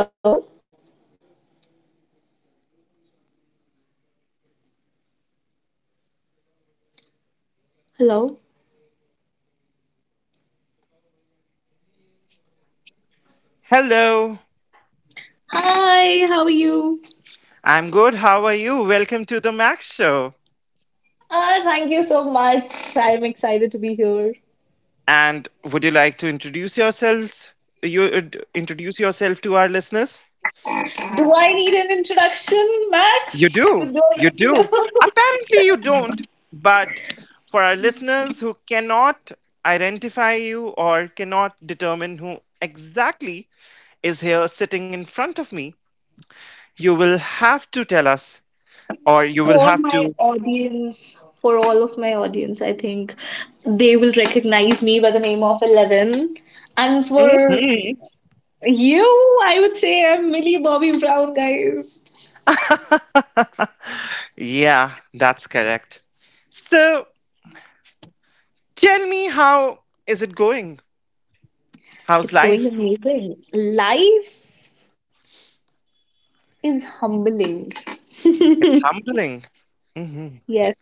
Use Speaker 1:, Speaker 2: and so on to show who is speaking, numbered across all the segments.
Speaker 1: Hello? Hello?
Speaker 2: Hello,
Speaker 1: Hi, how are you?
Speaker 2: I'm good. How are you? Welcome to the Max Show.
Speaker 1: Ah, thank you so much. I'm excited to be here.
Speaker 2: And would you like to introduce yourselves? Introduce yourself to our listeners?
Speaker 1: Do I need an introduction,
Speaker 2: You
Speaker 1: Max? So
Speaker 2: do.
Speaker 1: Do I
Speaker 2: You
Speaker 1: need
Speaker 2: do.
Speaker 1: to-
Speaker 2: Apparently, you don't. But for our listeners who cannot identify you or cannot determine who exactly is here sitting in front of me, you will have to tell us, or you will
Speaker 1: for
Speaker 2: have
Speaker 1: my
Speaker 2: to.
Speaker 1: audience, for all of my audience, I think they will recognize me by the name of Eleven. And for
Speaker 2: Mhm.
Speaker 1: you, I would say I'm Millie Bobby Brown, guys.
Speaker 2: Yeah, that's correct. So tell me, how is it going? How's
Speaker 1: It's going
Speaker 2: life?
Speaker 1: amazing. Life is humbling.
Speaker 2: It's humbling. Hmm.
Speaker 1: Yes,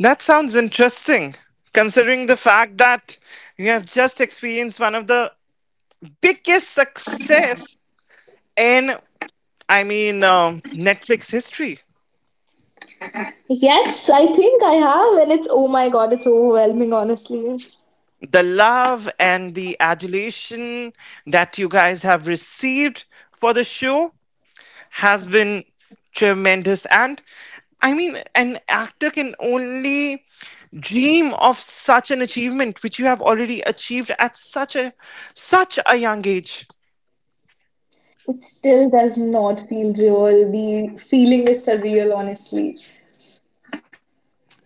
Speaker 2: That sounds interesting, considering the fact that you have just experienced one of the biggest success in, Netflix history.
Speaker 1: yes, I think I have, and it's oh my God, it's overwhelming, honestly.
Speaker 2: The love and the adulation that you guys have received for the show has been tremendous. And I mean, an actor can only dream of such an achievement, which you have already achieved at such a such a young age.
Speaker 1: It still does not feel real. The feeling is surreal, honestly.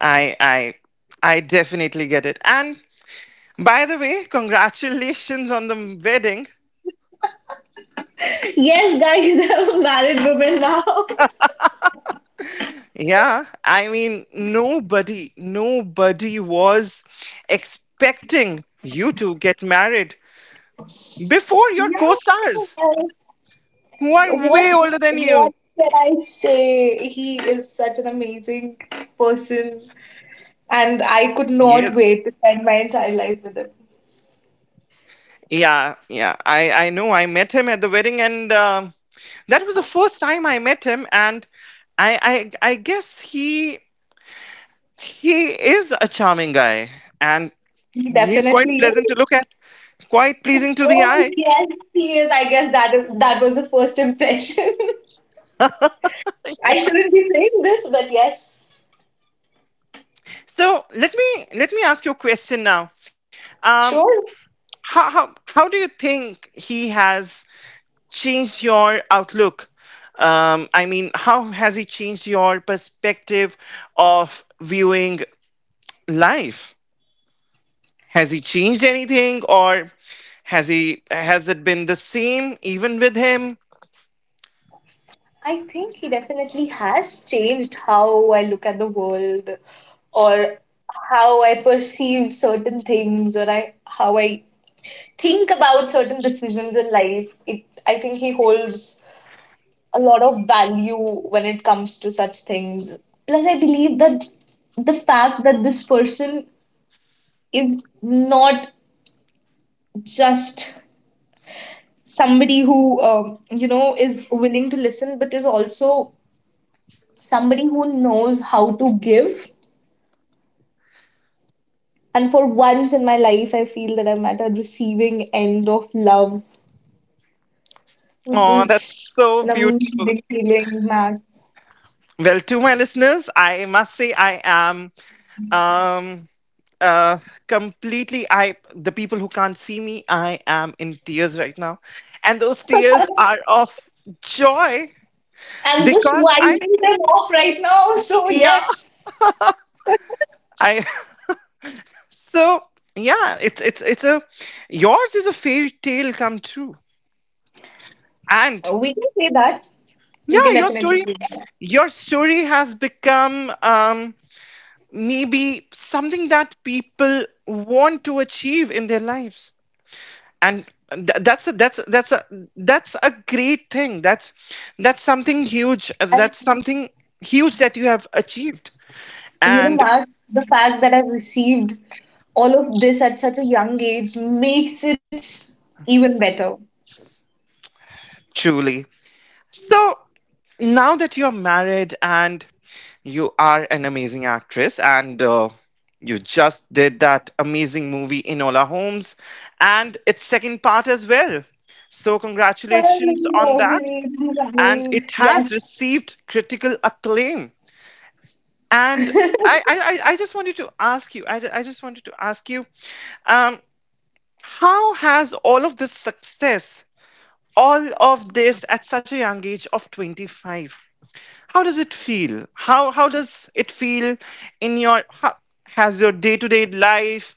Speaker 2: I I definitely get it. And by the way, congratulations on the wedding.
Speaker 1: Yes, guys, I'm a married woman now.
Speaker 2: Yeah, I mean, nobody was expecting you to get married before your
Speaker 1: Yeah,
Speaker 2: co-stars,
Speaker 1: well,
Speaker 2: who are
Speaker 1: what
Speaker 2: way older than you.
Speaker 1: what can I say? He is such an amazing person, and I could not
Speaker 2: Yes.
Speaker 1: wait to spend my entire life with him.
Speaker 2: Yeah. I know. I met him at the wedding, and that was the first time I met him. And I guess he is a charming guy, and
Speaker 1: He
Speaker 2: he's quite
Speaker 1: definitely
Speaker 2: pleasant
Speaker 1: is.
Speaker 2: to look at, quite pleasing to the
Speaker 1: Oh
Speaker 2: eye.
Speaker 1: yes, he is. I guess that was the first impression. I
Speaker 2: Yeah.
Speaker 1: shouldn't be saying this, but yes,
Speaker 2: So let me ask you a question now. Um,
Speaker 1: sure.
Speaker 2: how do you think he has changed your outlook? I mean, how has he changed your perspective of viewing life? Has he changed anything or has it been the same even with him?
Speaker 1: I think he definitely has changed how I look at the world or how I perceive certain things or I how I think about certain decisions in life. I think he holds a lot of value when it comes to such things. Plus, I believe that the fact that this person is not just somebody who is willing to listen, but is also somebody who knows how to give, and for once in my life I feel that I'm at a receiving end of love, which
Speaker 2: Oh,
Speaker 1: is
Speaker 2: that's so
Speaker 1: an
Speaker 2: beautiful.
Speaker 1: amazing feeling, man.
Speaker 2: Well, to my listeners, I must say I am um uh completely I the people who can't see me, I am in tears right now. And those tears are of joy
Speaker 1: I'm just
Speaker 2: because
Speaker 1: wiping
Speaker 2: I
Speaker 1: them off right now. So
Speaker 2: yeah,
Speaker 1: yes,
Speaker 2: I so yeah, it's it's a yours is a fairy tale come true. And
Speaker 1: we can say that we
Speaker 2: yeah,
Speaker 1: can definitely say that.
Speaker 2: your story has become maybe something that people want to achieve in their lives and that's a great thing that's something huge
Speaker 1: And
Speaker 2: that's something huge that you have achieved
Speaker 1: you know,
Speaker 2: and
Speaker 1: Mark, the fact that I've received all of this at such a young age makes it even better.
Speaker 2: truly. So now that you're married and you are an amazing actress, and you just did that amazing movie Enola Holmes and its second part as well. So,
Speaker 1: Well, this
Speaker 2: congratulations
Speaker 1: is
Speaker 2: on
Speaker 1: always
Speaker 2: that. And it
Speaker 1: running. Yes.
Speaker 2: has received critical acclaim. And I just wanted to ask you, I just wanted to ask you, um, how has all of this success, all of this at such a young age of 25, how does it feel in your how, has your day-to-day life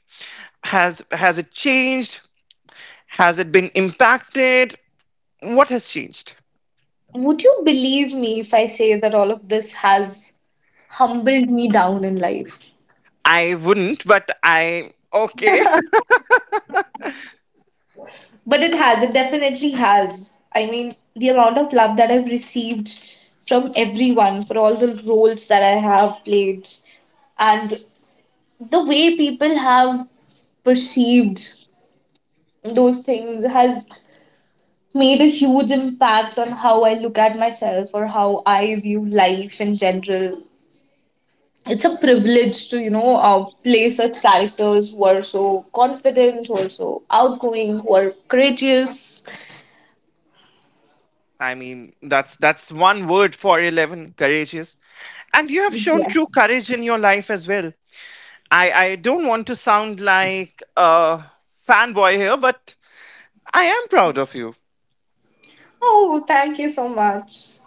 Speaker 2: has it changed, has it been impacted, what has changed?
Speaker 1: Would you believe me if I say that all of this has humbled me down in life?
Speaker 2: I wouldn't, but I okay.
Speaker 1: But it has, it definitely has. I mean, the amount of love that I've received from everyone for all the roles that I have played and the way people have perceived those things has made a huge impact on how I look at myself or how I view life in general. It's a privilege to play such characters who are so confident, who are so outgoing, who are courageous.
Speaker 2: I mean, that's one word for 11, courageous. And you have shown
Speaker 1: Yeah.
Speaker 2: true courage in your life as well. I don't want to sound like a fanboy here, but I am proud of you.
Speaker 1: Oh, thank you so much.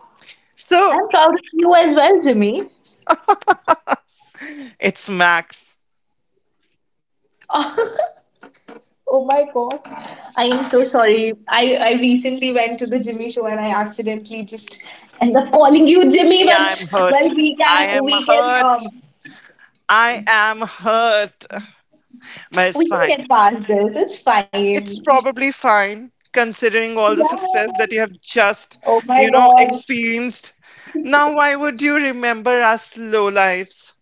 Speaker 2: So
Speaker 1: I'm proud of you as well, Jimmy.
Speaker 2: it's Max.
Speaker 1: Oh my God, I am so sorry. I recently went to the Jimmy show and I accidentally just end up calling you Jimmy,
Speaker 2: Yeah, I'm
Speaker 1: but well,
Speaker 2: hurt.
Speaker 1: we
Speaker 2: I am
Speaker 1: can we can
Speaker 2: hurt.
Speaker 1: um
Speaker 2: I am hurt. But it's
Speaker 1: we can
Speaker 2: fine.
Speaker 1: get past this, it's
Speaker 2: It's
Speaker 1: fine.
Speaker 2: probably fine considering all the success
Speaker 1: Yeah.
Speaker 2: that you have just,
Speaker 1: Oh my
Speaker 2: you know,
Speaker 1: God.
Speaker 2: experienced. Now, why would you remember us low lives?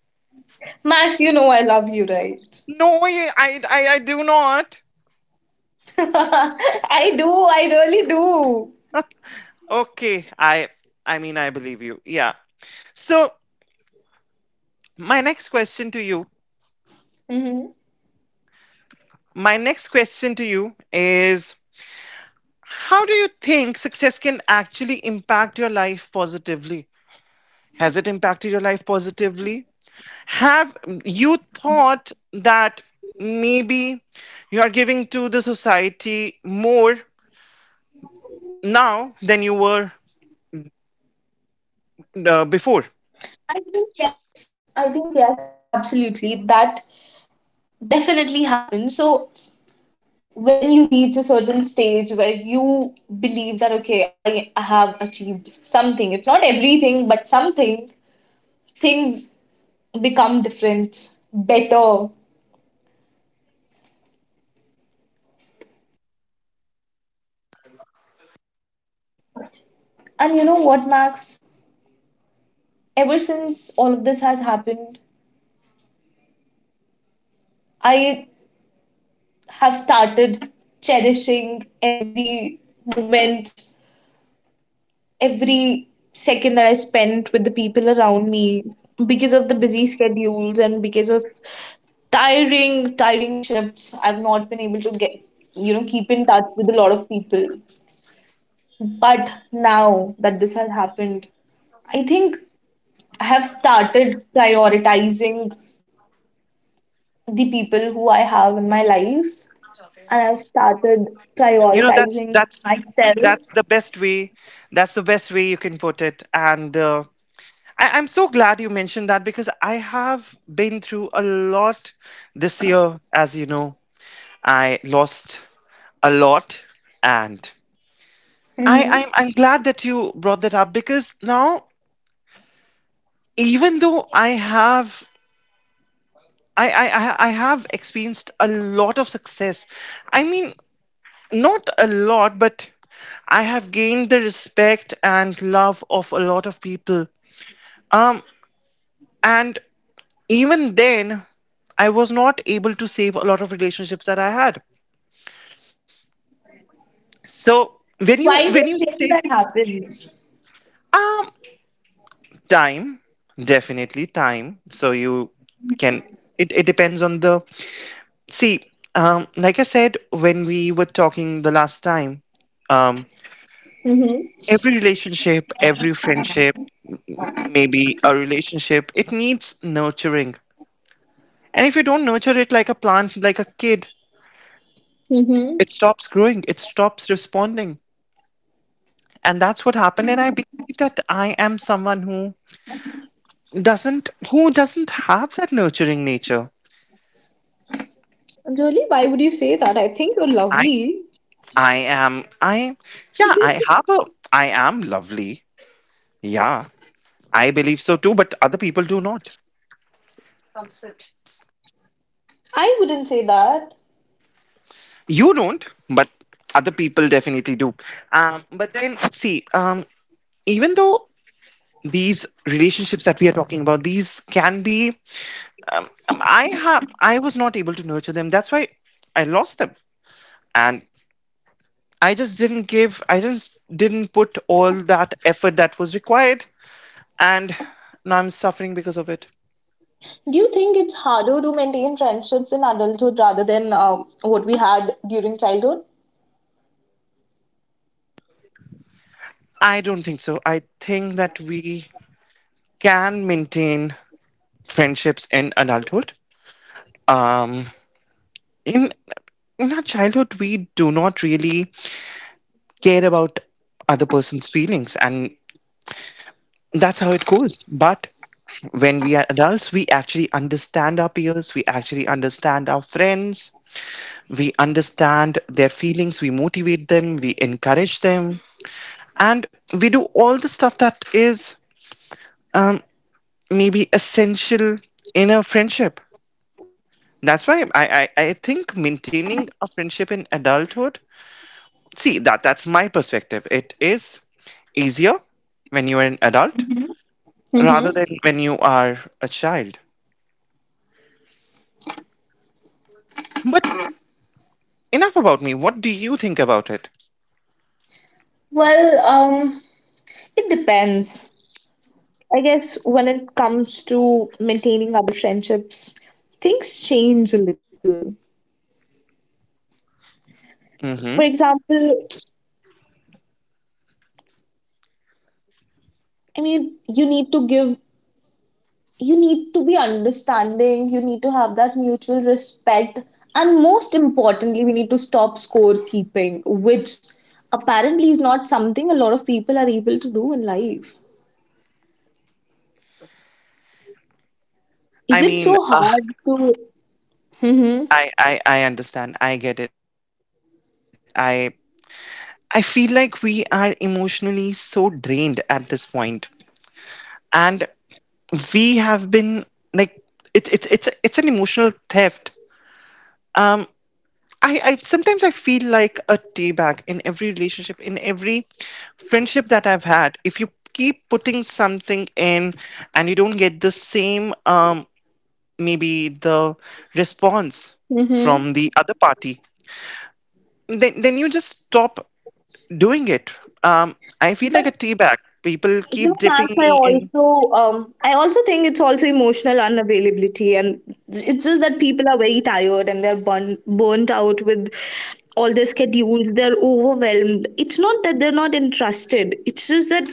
Speaker 1: Max, you know I love you, right?
Speaker 2: No, I do not.
Speaker 1: I do. I really do.
Speaker 2: Okay, I mean, I believe you. Yeah. So, my next question to you,
Speaker 1: Hmm.
Speaker 2: my next question to you is, how do you think success can actually impact your life positively? Has it impacted your life positively? Have you thought that maybe you are giving to the society more now than you were before?
Speaker 1: I think yes. I think yes. Absolutely. That definitely happens. So when you reach a certain stage where you believe that, okay, I have achieved something, if not everything, but something, things become different, better. And you know what, Max? Ever since all of this has happened, I have started cherishing every moment, every second that I spent with the people around me, because of the busy schedules and because of tiring, tiring shifts. I've not been able to keep in touch with a lot of people. But now that this has happened, I think I have started prioritizing the people who I have in my life, and I've started
Speaker 2: You know,
Speaker 1: prioritizing myself.
Speaker 2: that's the best way. That's the best way you can put it. And I'm so glad you mentioned that because I have been through a lot this year. As you know, I lost a lot, and I,
Speaker 1: Mm-hmm.
Speaker 2: I'm I'm glad that you brought that up because now even though I have experienced a lot of success. I mean, not a lot, but I have gained the respect and love of a lot of people. Um, and even then, I was not able to save a lot of relationships that I had. So
Speaker 1: Why do
Speaker 2: when
Speaker 1: you
Speaker 2: you
Speaker 1: think
Speaker 2: say
Speaker 1: that happens?
Speaker 2: um time, definitely time. So you can it depends on the. See, like I said when we were talking the last time, um,
Speaker 1: Mm-hmm.
Speaker 2: every relationship, every friendship, maybe a relationship, it needs nurturing. And if you don't nurture it like a plant, like a kid,
Speaker 1: Mm-hmm.
Speaker 2: it stops growing, it stops responding. And that's what happened. And I believe that I am someone who doesn't have that nurturing nature.
Speaker 1: Really? Why would you say that? I think you're
Speaker 2: I
Speaker 1: lovely.
Speaker 2: I am I Yeah, I have a I am lovely. Yeah, I believe so too, but other people do not.
Speaker 1: I wouldn't say that.
Speaker 2: You don't, but other people definitely do. But then, see, even though these relationships that we are talking about, these can be, I was not able to nurture them. That's why I lost them, and I just didn't put all that effort that was required, and now I'm suffering because of it.
Speaker 1: Do you think it's harder to maintain friendships in adulthood rather than what we had during childhood?
Speaker 2: I don't think so. I think that we can maintain friendships in adulthood. um in in our childhood we do not really care about other person's feelings and that's how it goes, but when we are adults we actually understand our peers, we actually understand our friends, we understand their feelings, we motivate them, we encourage them, and we do all the stuff that is um, maybe essential in a friendship. That's why I think maintaining a friendship in adulthood. See, that's my perspective. It is easier when you are an adult
Speaker 1: Mm-hmm. Mm-hmm.
Speaker 2: rather than when you are a child. But enough about me. What do you think about it?
Speaker 1: Well, it depends. I guess when it comes to maintaining our friendships, things change a little. For
Speaker 2: Hmm.
Speaker 1: example, I mean, you need to give, you need to be understanding, you need to have that mutual respect. And most importantly, we need to stop scorekeeping, which apparently is not something a lot of people are able to do in life. Is
Speaker 2: I
Speaker 1: it
Speaker 2: mean,
Speaker 1: so hard to? Hmm.
Speaker 2: I understand. I get it. I feel like we are emotionally so drained at this point, and we have been like it's an emotional theft. Um, I sometimes I feel like a tea bag in every relationship, in every friendship that I've had. If you keep putting something in and you don't get the same, maybe the response from the
Speaker 1: Hmm.
Speaker 2: other party, then you just stop doing it. Um, I feel
Speaker 1: But
Speaker 2: like a tea bag. People
Speaker 1: you know,
Speaker 2: keep dipping
Speaker 1: Max, I
Speaker 2: me in.
Speaker 1: also I also think it's also emotional unavailability, and it's just that people are very tired and they're burnt out with all their schedules. They're overwhelmed. It's not that they're not entrusted. It's just that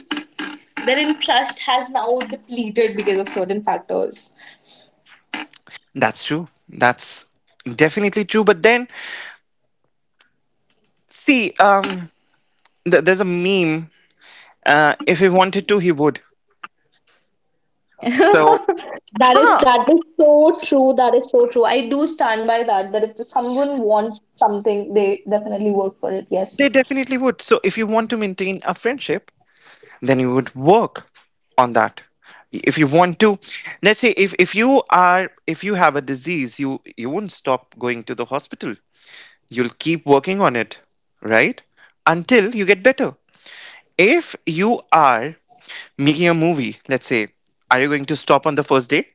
Speaker 1: their interest has now depleted because of certain factors.
Speaker 2: That's true. That's definitely true. But then, see, there's a meme. If he wanted to, he would. So
Speaker 1: That is
Speaker 2: ah,
Speaker 1: that is so true. That is so true. I do stand by that. That if someone wants something, they definitely work for it. Yes.
Speaker 2: they definitely would. So if you want to maintain a friendship, then you would work on that. If you want to, let's say if you are if you have a disease, you won't stop going to the hospital. You'll keep working on it, right? Until you get better. If you are making a movie, let's say, are you going to stop on the first day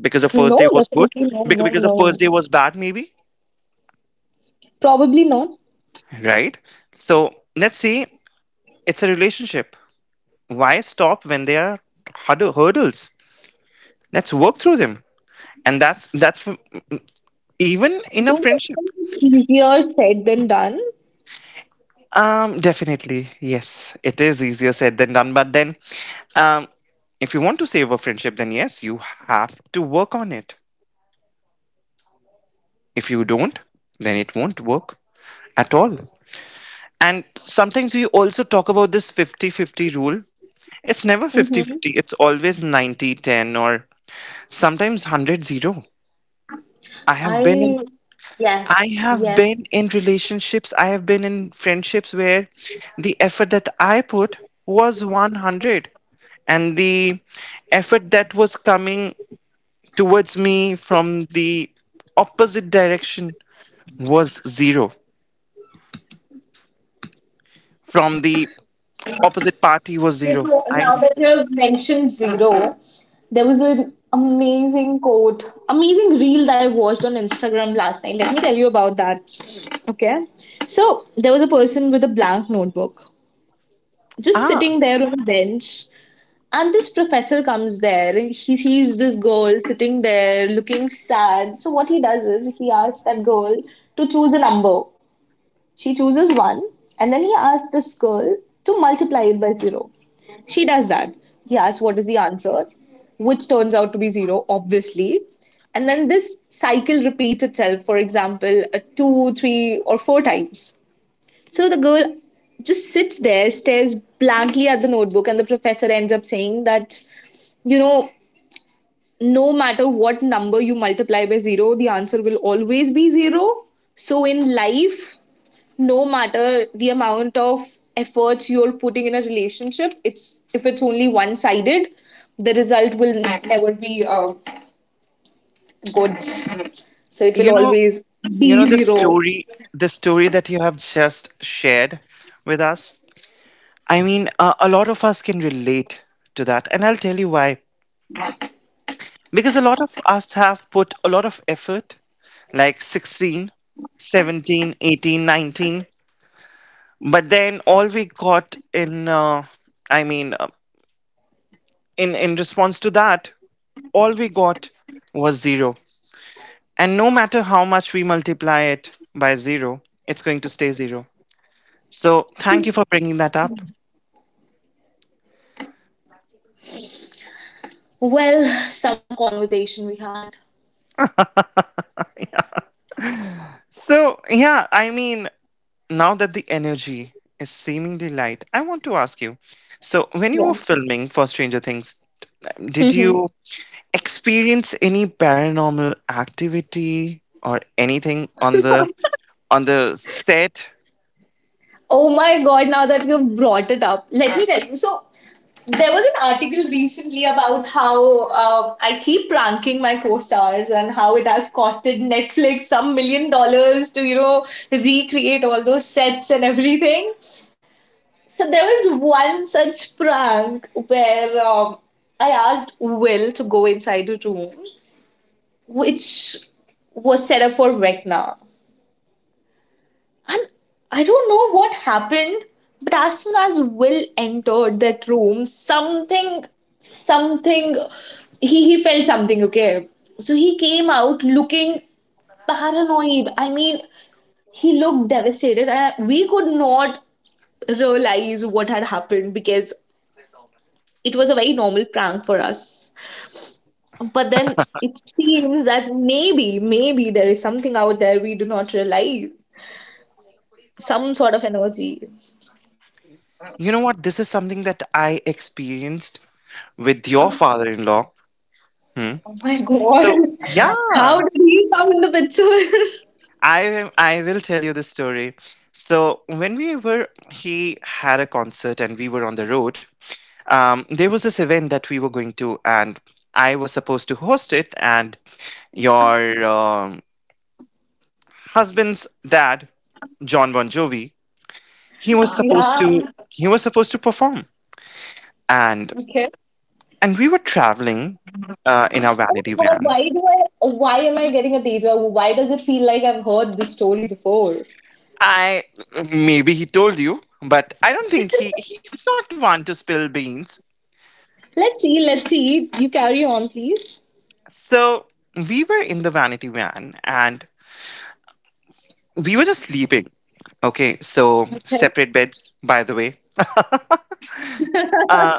Speaker 2: because the first
Speaker 1: No,
Speaker 2: day was good?
Speaker 1: definitely no, no,
Speaker 2: Because the first
Speaker 1: no.
Speaker 2: day was bad, maybe,
Speaker 1: Probably not.
Speaker 2: right? So let's say it's a relationship. Why stop when there are hurdles? Let's work through them. And that's even in a
Speaker 1: Do
Speaker 2: friendship.
Speaker 1: it's easier said than done.
Speaker 2: Um, definitely yes, it is easier said than done, but then, um, if you want to save a friendship, then yes, you have to work on it. If you don't, then it won't work at all. And sometimes we also talk about this 50-50 rule. It's never
Speaker 1: Mm-hmm.
Speaker 2: 50-50, it's always 90-10, or sometimes 100-0. i have been
Speaker 1: I
Speaker 2: in I
Speaker 1: yes,
Speaker 2: have
Speaker 1: yes.
Speaker 2: been in relationships, I have been in friendships where the effort that I put was 100, and the effort that was coming towards me from the opposite direction was zero. From the opposite party was
Speaker 1: You
Speaker 2: zero.
Speaker 1: know, now that you've mentioned zero, there was an amazing reel that I watched on Instagram last night. Let me tell you about that. Okay. So there was a person with a blank notebook, just
Speaker 2: Ah,
Speaker 1: sitting there on a bench. And this professor comes there. He sees this girl sitting there looking sad. So what he does is he asks that girl to choose a number. She chooses one, and then he asks this girl to multiply it by zero. She does that. He asks what is the answer, which turns out to be zero, obviously. And then this cycle repeats itself, for example, two, three, or four times. So the girl just sits there, stares blankly at the notebook, and the professor ends up saying that, you know, no matter what number you multiply by zero, the answer will always be zero. So in life, no matter the amount of efforts you're putting in a relationship, it's if it's only one sided, the result will never be good. So it will
Speaker 2: you know,
Speaker 1: always
Speaker 2: you
Speaker 1: be
Speaker 2: know the
Speaker 1: zero.
Speaker 2: story, that you have just shared with us. I mean, a lot of us can relate to that, and I'll tell you why. Because a lot of us have put a lot of effort, like 16, 17, 18, 19, but then all we got in, I mean, uh, in response to that, all we got was zero. And no matter how much we multiply it by zero, it's going to stay zero. So thank you for bringing that up.
Speaker 1: Well, some conversation we had.
Speaker 2: Yeah. So, yeah, I mean, now that the energy is seemingly light, I want to ask you. So, when you
Speaker 1: Yeah.
Speaker 2: were filming for Stranger Things, did
Speaker 1: Mm-hmm.
Speaker 2: you experience any paranormal activity or anything on the set?
Speaker 1: Oh my God, now that you've brought it up, let me tell you. So there was an article recently about how I keep pranking my co-stars and how it has costed Netflix some million dollars to recreate all those sets and everything. So there was one such prank where I asked Will to go inside a room which was set up for Vecna. And I don't know what happened, but as soon as Will entered that room, something, he felt something, okay? So he came out looking paranoid. I mean, he looked devastated. And we could not realize what had happened, because it was a very normal prank for us. But then it seems that maybe, maybe there is something out there we do not realize, some sort of energy.
Speaker 2: You know what? This is something that I experienced with your father-in-law. Hmm.
Speaker 1: Oh my God.
Speaker 2: So
Speaker 1: How
Speaker 2: yeah,
Speaker 1: did he come in the picture?
Speaker 2: I will tell you the story. So when we were, he had a concert and we were on the road. There was this event that we were going to, and I was supposed to host it. And your husband's dad John Bon Jovi, he was supposed to
Speaker 1: Yeah.
Speaker 2: he was supposed to perform, and
Speaker 1: Okay.
Speaker 2: and we were traveling in our
Speaker 1: Oh
Speaker 2: vanity
Speaker 1: my God,
Speaker 2: van.
Speaker 1: why am I getting a deja vu? Why does it feel like I've heard this story before?
Speaker 2: I Maybe he told you, but I don't think he's not one to spill beans.
Speaker 1: Let's see, let's see. You carry on, please.
Speaker 2: So we were in the vanity van and we were just sleeping. Okay, so
Speaker 1: Okay.
Speaker 2: separate beds, by the way. uh,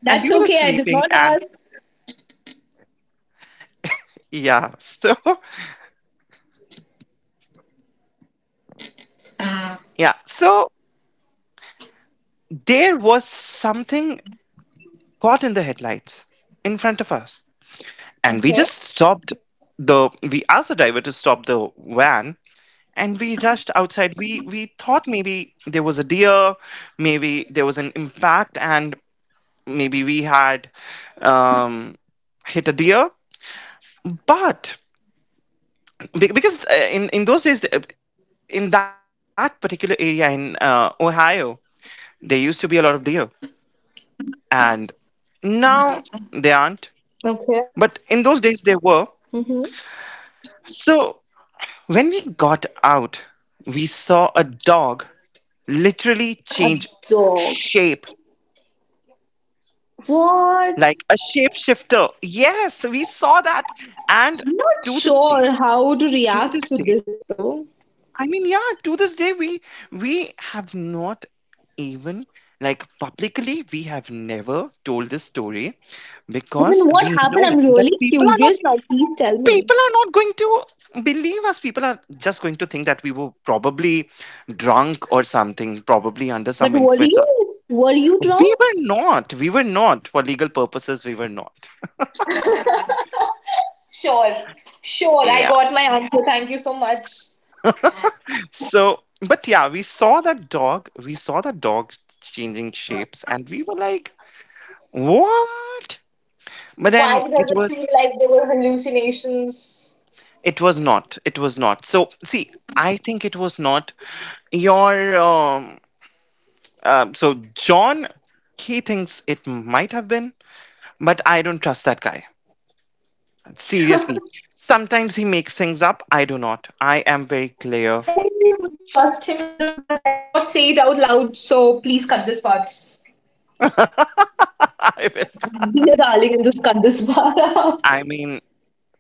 Speaker 2: and we were
Speaker 1: That's
Speaker 2: just
Speaker 1: okay, I did
Speaker 2: sleeping,
Speaker 1: not
Speaker 2: and
Speaker 1: ask.
Speaker 2: yeah, so yeah, so there was something caught in the headlights in front of us. And we
Speaker 1: Okay.
Speaker 2: just stopped, the we asked the driver to stop the van and we rushed outside. We thought maybe there was a deer, maybe there was an impact, and maybe we had um hit a deer. But because in those days, in that particular area in Ohio, there used to be a lot of deer, and now they aren't, but
Speaker 1: Okay.
Speaker 2: in those days they were.
Speaker 1: Mm-hmm.
Speaker 2: So when we got out, we saw a dog literally change
Speaker 1: A dog.
Speaker 2: shape, like
Speaker 1: What?
Speaker 2: a shapeshifter. Yes, we saw that. And
Speaker 1: I'm not
Speaker 2: to this day,
Speaker 1: sure how to
Speaker 2: to
Speaker 1: react
Speaker 2: this
Speaker 1: to
Speaker 2: day,
Speaker 1: this though.
Speaker 2: I mean, yeah, to this day, we have not, even like publicly, we have never told this story,
Speaker 1: But
Speaker 2: because
Speaker 1: then what
Speaker 2: we
Speaker 1: happened?
Speaker 2: know
Speaker 1: I'm
Speaker 2: that
Speaker 1: really
Speaker 2: people are not
Speaker 1: curious now. Please tell me.
Speaker 2: people are not going to believe us. People are just going to think that we were probably drunk or something, probably under
Speaker 1: But
Speaker 2: some
Speaker 1: were
Speaker 2: influence
Speaker 1: you were you
Speaker 2: we
Speaker 1: drunk?
Speaker 2: were not we were not for legal purposes we were not.
Speaker 1: Sure, sure. I
Speaker 2: Yeah,
Speaker 1: got my answer. Thank you so much.
Speaker 2: so, but yeah, we saw that dog changing shapes, and we were like, what? But then
Speaker 1: Why does
Speaker 2: it
Speaker 1: it feel
Speaker 2: was
Speaker 1: like they were hallucinations?
Speaker 2: it was not it was not So, see, I think it was not your um so John, he thinks it might have been. But I don't trust that guy. Seriously. Sometimes he makes things up. I do not. I am very clear.
Speaker 1: I wouldn't trust him either, but I cannot say it out loud, so please cut this part.
Speaker 2: I will.
Speaker 1: Dear darling, and just cut this part out.
Speaker 2: I mean,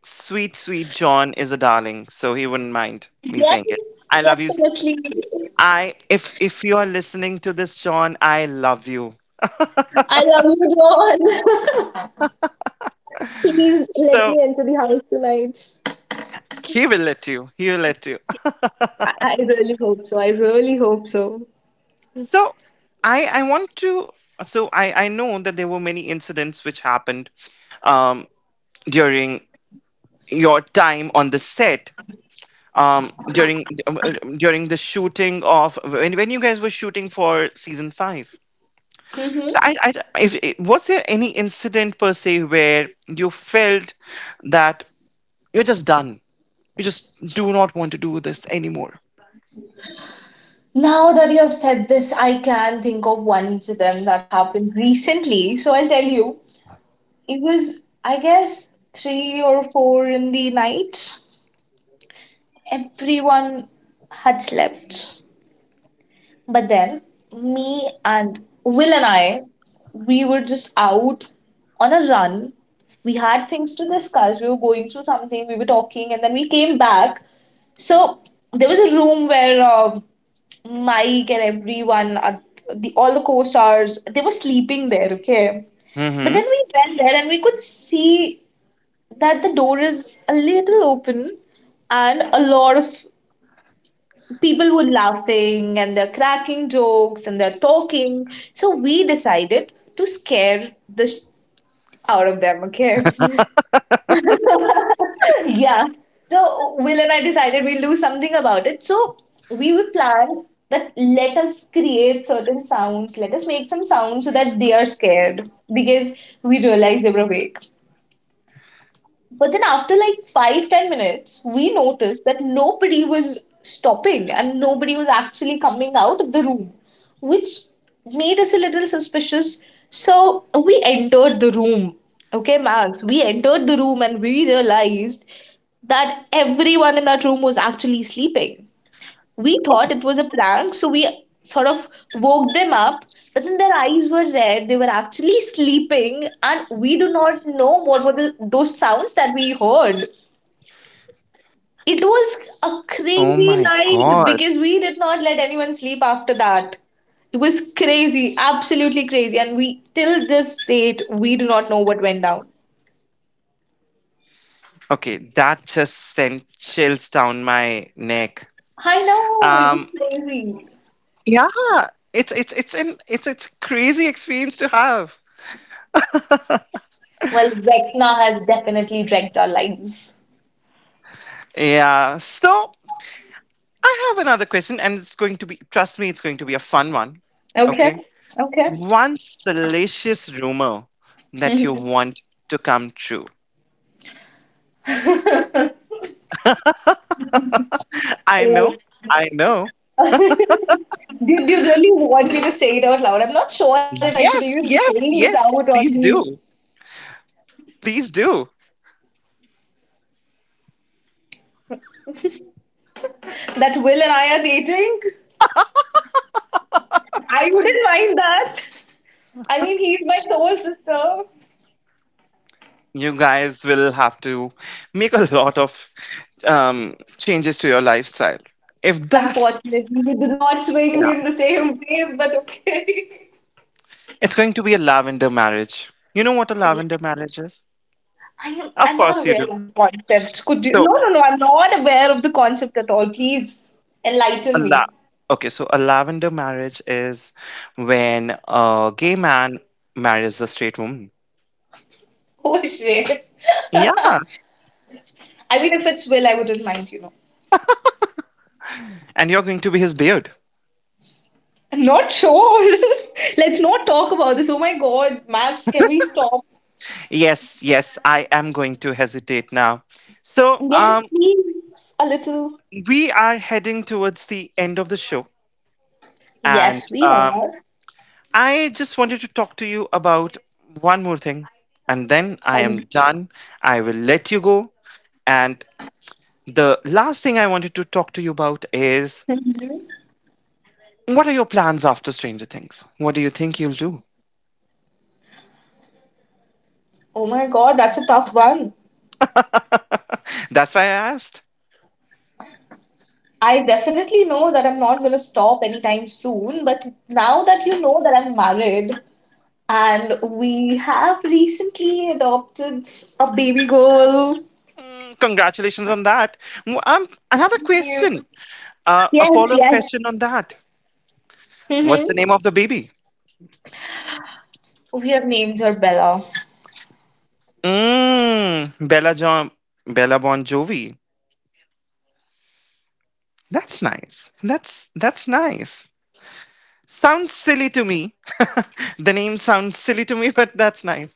Speaker 2: sweet, sweet John is a darling, so he wouldn't mind me saying it.
Speaker 1: Yes,
Speaker 2: I love you.
Speaker 1: definitely.
Speaker 2: I if you are listening to this, John, I love you.
Speaker 1: I love you, John. Please let
Speaker 2: So
Speaker 1: me enter the house tonight.
Speaker 2: he will let you. He will let you.
Speaker 1: I really hope so. I really hope so.
Speaker 2: So I want to so I know that there were many incidents which happened um during your time on the set, um during um, uh, during the shooting of, when you guys were shooting for season 5. So
Speaker 1: Mm-hmm.
Speaker 2: I if- was there any incident per se where you felt that you're just done, you just do not want to do this anymore.
Speaker 1: Now that you have said this, I can think of one incident that happened recently. So I'll tell you. It was, I guess, 3 or 4 in the night. Everyone had slept. But then me and Will and I, we were just out on a run. We had things to discuss. We were going through something. We were talking, and then we came back. So there was a room where Mike and everyone, the all the co-stars, they were sleeping there. Okay, but then
Speaker 2: Mhm.
Speaker 1: we went there and we could see that the door is a little open and a lot of people were laughing and they're cracking jokes and they're talking. So we decided to scare the sh- out of them, okay? Yeah. So Will and I decided we'll do something about it. So we will plan that let us create certain sounds, let us make some sounds so that they are scared, because we realized they were awake. But then after like 5, 10 minutes, we noticed that nobody was stopping and nobody was actually coming out of the room, which made us a little suspicious. So we entered the room. Okay, Max, we entered the room and we realized that everyone in that room was actually sleeping. We thought it
Speaker 2: Oh,
Speaker 1: was a prank, so we sort of woke them up, but then their eyes were red. They were actually sleeping, and we do not know what were those sounds that we heard. It
Speaker 2: oh
Speaker 1: was
Speaker 2: my
Speaker 1: a
Speaker 2: god.
Speaker 1: crazy night because we did not let anyone sleep after that. It was crazy, absolutely crazy, and we till this date we do not know what went down.
Speaker 2: Okay, that just sent chills down my neck.
Speaker 1: I know
Speaker 2: um
Speaker 1: it was crazy.
Speaker 2: yeah, it's an it's crazy experience to have.
Speaker 1: Well, Vecna has definitely wrecked our lives.
Speaker 2: Yeah. So I have another question, and it's going to be, trust me, it's going to be a fun one.
Speaker 1: Okay,
Speaker 2: Okay.
Speaker 1: okay.
Speaker 2: One salacious rumor that you
Speaker 1: Mhm.
Speaker 2: want to come true.
Speaker 1: Do,
Speaker 2: I know. I know.
Speaker 1: do you really want me to say it out loud? I'm not sure if I should even
Speaker 2: Yes,
Speaker 1: be saying
Speaker 2: yes,
Speaker 1: it out.
Speaker 2: yes. Please do. Please do.
Speaker 1: That Will and I are dating. I wouldn't mind that. I mean, he's my soul sister.
Speaker 2: You guys will have to make a lot of changes to your lifestyle. If that,
Speaker 1: Unfortunately, we do not swing
Speaker 2: yeah,
Speaker 1: in the same ways, but okay.
Speaker 2: it's going to be a lavender marriage. You know what a
Speaker 1: Yeah,
Speaker 2: lavender marriage is? Of
Speaker 1: I'm not
Speaker 2: course you do.
Speaker 1: aware of the concept. Could you? No,
Speaker 2: So
Speaker 1: no, no. I'm not aware of the concept at all. Please
Speaker 2: A
Speaker 1: enlighten
Speaker 2: la-
Speaker 1: me.
Speaker 2: okay, so a lavender marriage is when a gay man marries a straight woman.
Speaker 1: Oh, shit. I
Speaker 2: Yeah,
Speaker 1: mean, if it's Will, I wouldn't mind.
Speaker 2: and you're going to be his beard.
Speaker 1: Not sure. Let's not talk about this. Oh my God, Max, can we stop?
Speaker 2: Yes, yes, I am going to hesitate now. So,
Speaker 1: Yes, please. A little.
Speaker 2: we are heading towards the end of the show, and
Speaker 1: Yes, we are.
Speaker 2: I just wanted to talk to you about one more thing, and then I
Speaker 1: Tell
Speaker 2: am
Speaker 1: me.
Speaker 2: done. I will let you go. And the last thing I wanted to talk to you about is, what are your plans after Stranger Things? What do you think you'll do?
Speaker 1: Oh my God, that's a tough one.
Speaker 2: That's why I asked.
Speaker 1: I definitely know that I'm not going to stop anytime soon, but now that you know that I'm married, and we have recently adopted a baby girl.
Speaker 2: Mm, congratulations on that. Mm, another question, a
Speaker 1: Yes,
Speaker 2: follow-up
Speaker 1: yes.
Speaker 2: question on that. What's
Speaker 1: Hmm.
Speaker 2: the name of the baby?
Speaker 1: We have named her Bella.
Speaker 2: Mm, Bella John, Bella Bon
Speaker 1: She's
Speaker 2: Jovi.
Speaker 1: so lovely, Max. You will you
Speaker 2: That's
Speaker 1: will
Speaker 2: nice. That's
Speaker 1: absolutely
Speaker 2: that's
Speaker 1: adore her.
Speaker 2: nice. Sounds silly to me. The name sounds silly to me, but that's nice.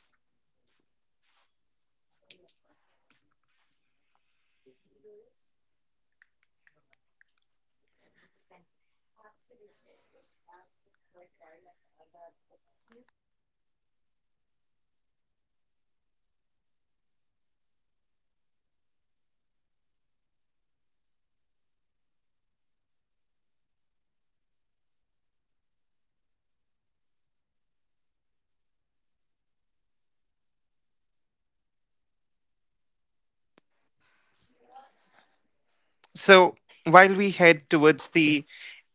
Speaker 2: So while we head towards the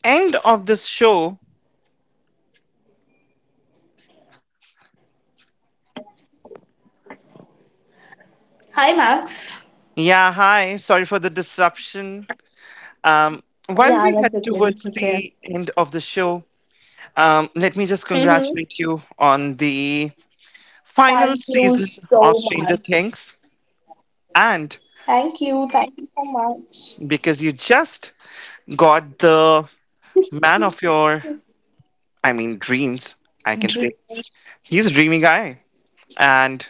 Speaker 2: end of this show,
Speaker 1: Hi, Max.
Speaker 2: yeah, hi. Sorry for the disruption. Um, while
Speaker 1: Yeah,
Speaker 2: we head
Speaker 1: that's okay. That's
Speaker 2: towards
Speaker 1: okay.
Speaker 2: the end of the show, let me just
Speaker 1: Mm-hmm.
Speaker 2: congratulate you on the final
Speaker 1: Thank you
Speaker 2: season of
Speaker 1: so
Speaker 2: Stranger
Speaker 1: much.
Speaker 2: Things. And
Speaker 1: Thank you. Thank you so much.
Speaker 2: because you just got the man of your, I mean, dreams, I can say.
Speaker 1: Dream.
Speaker 2: He's a dreamy guy. And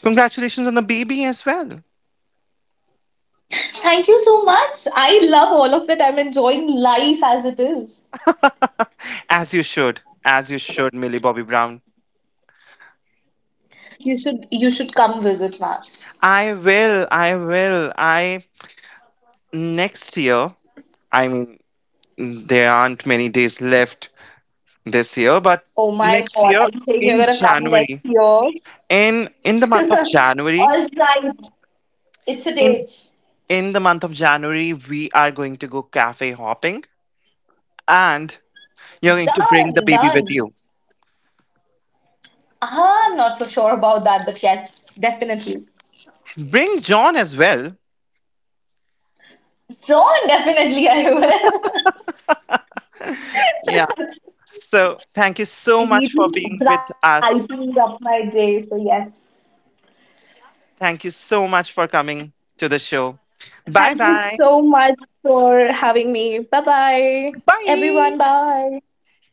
Speaker 2: congratulations on the baby as well.
Speaker 1: Thank you so much. I love all of it. I'm enjoying life as it is.
Speaker 2: As you should. As you should, Millie Bobby Brown.
Speaker 1: You should come visit Max.
Speaker 2: I will. I will. I Next year. I mean, there aren't many days left this year, but
Speaker 1: Oh my
Speaker 2: next
Speaker 1: God,
Speaker 2: year
Speaker 1: I think you're
Speaker 2: in
Speaker 1: gonna come
Speaker 2: January,
Speaker 1: next year.
Speaker 2: in the month of January,
Speaker 1: All right. It's a
Speaker 2: in
Speaker 1: date.
Speaker 2: in the month of January, we are going to go cafe hopping, and you're going to bring the
Speaker 1: Done,
Speaker 2: baby with
Speaker 1: done.
Speaker 2: you.
Speaker 1: Uh-huh, I'm not so sure about that, but yes, definitely.
Speaker 2: Bring John as well.
Speaker 1: John, definitely I will.
Speaker 2: Yeah. So thank you so much for
Speaker 1: He
Speaker 2: being
Speaker 1: just
Speaker 2: with us.
Speaker 1: brightened up my day. So, yes.
Speaker 2: Thank you so much for coming to the show. Bye
Speaker 1: Thank
Speaker 2: bye.
Speaker 1: you so much for having me. Bye bye.
Speaker 2: Bye.
Speaker 1: Everyone, bye.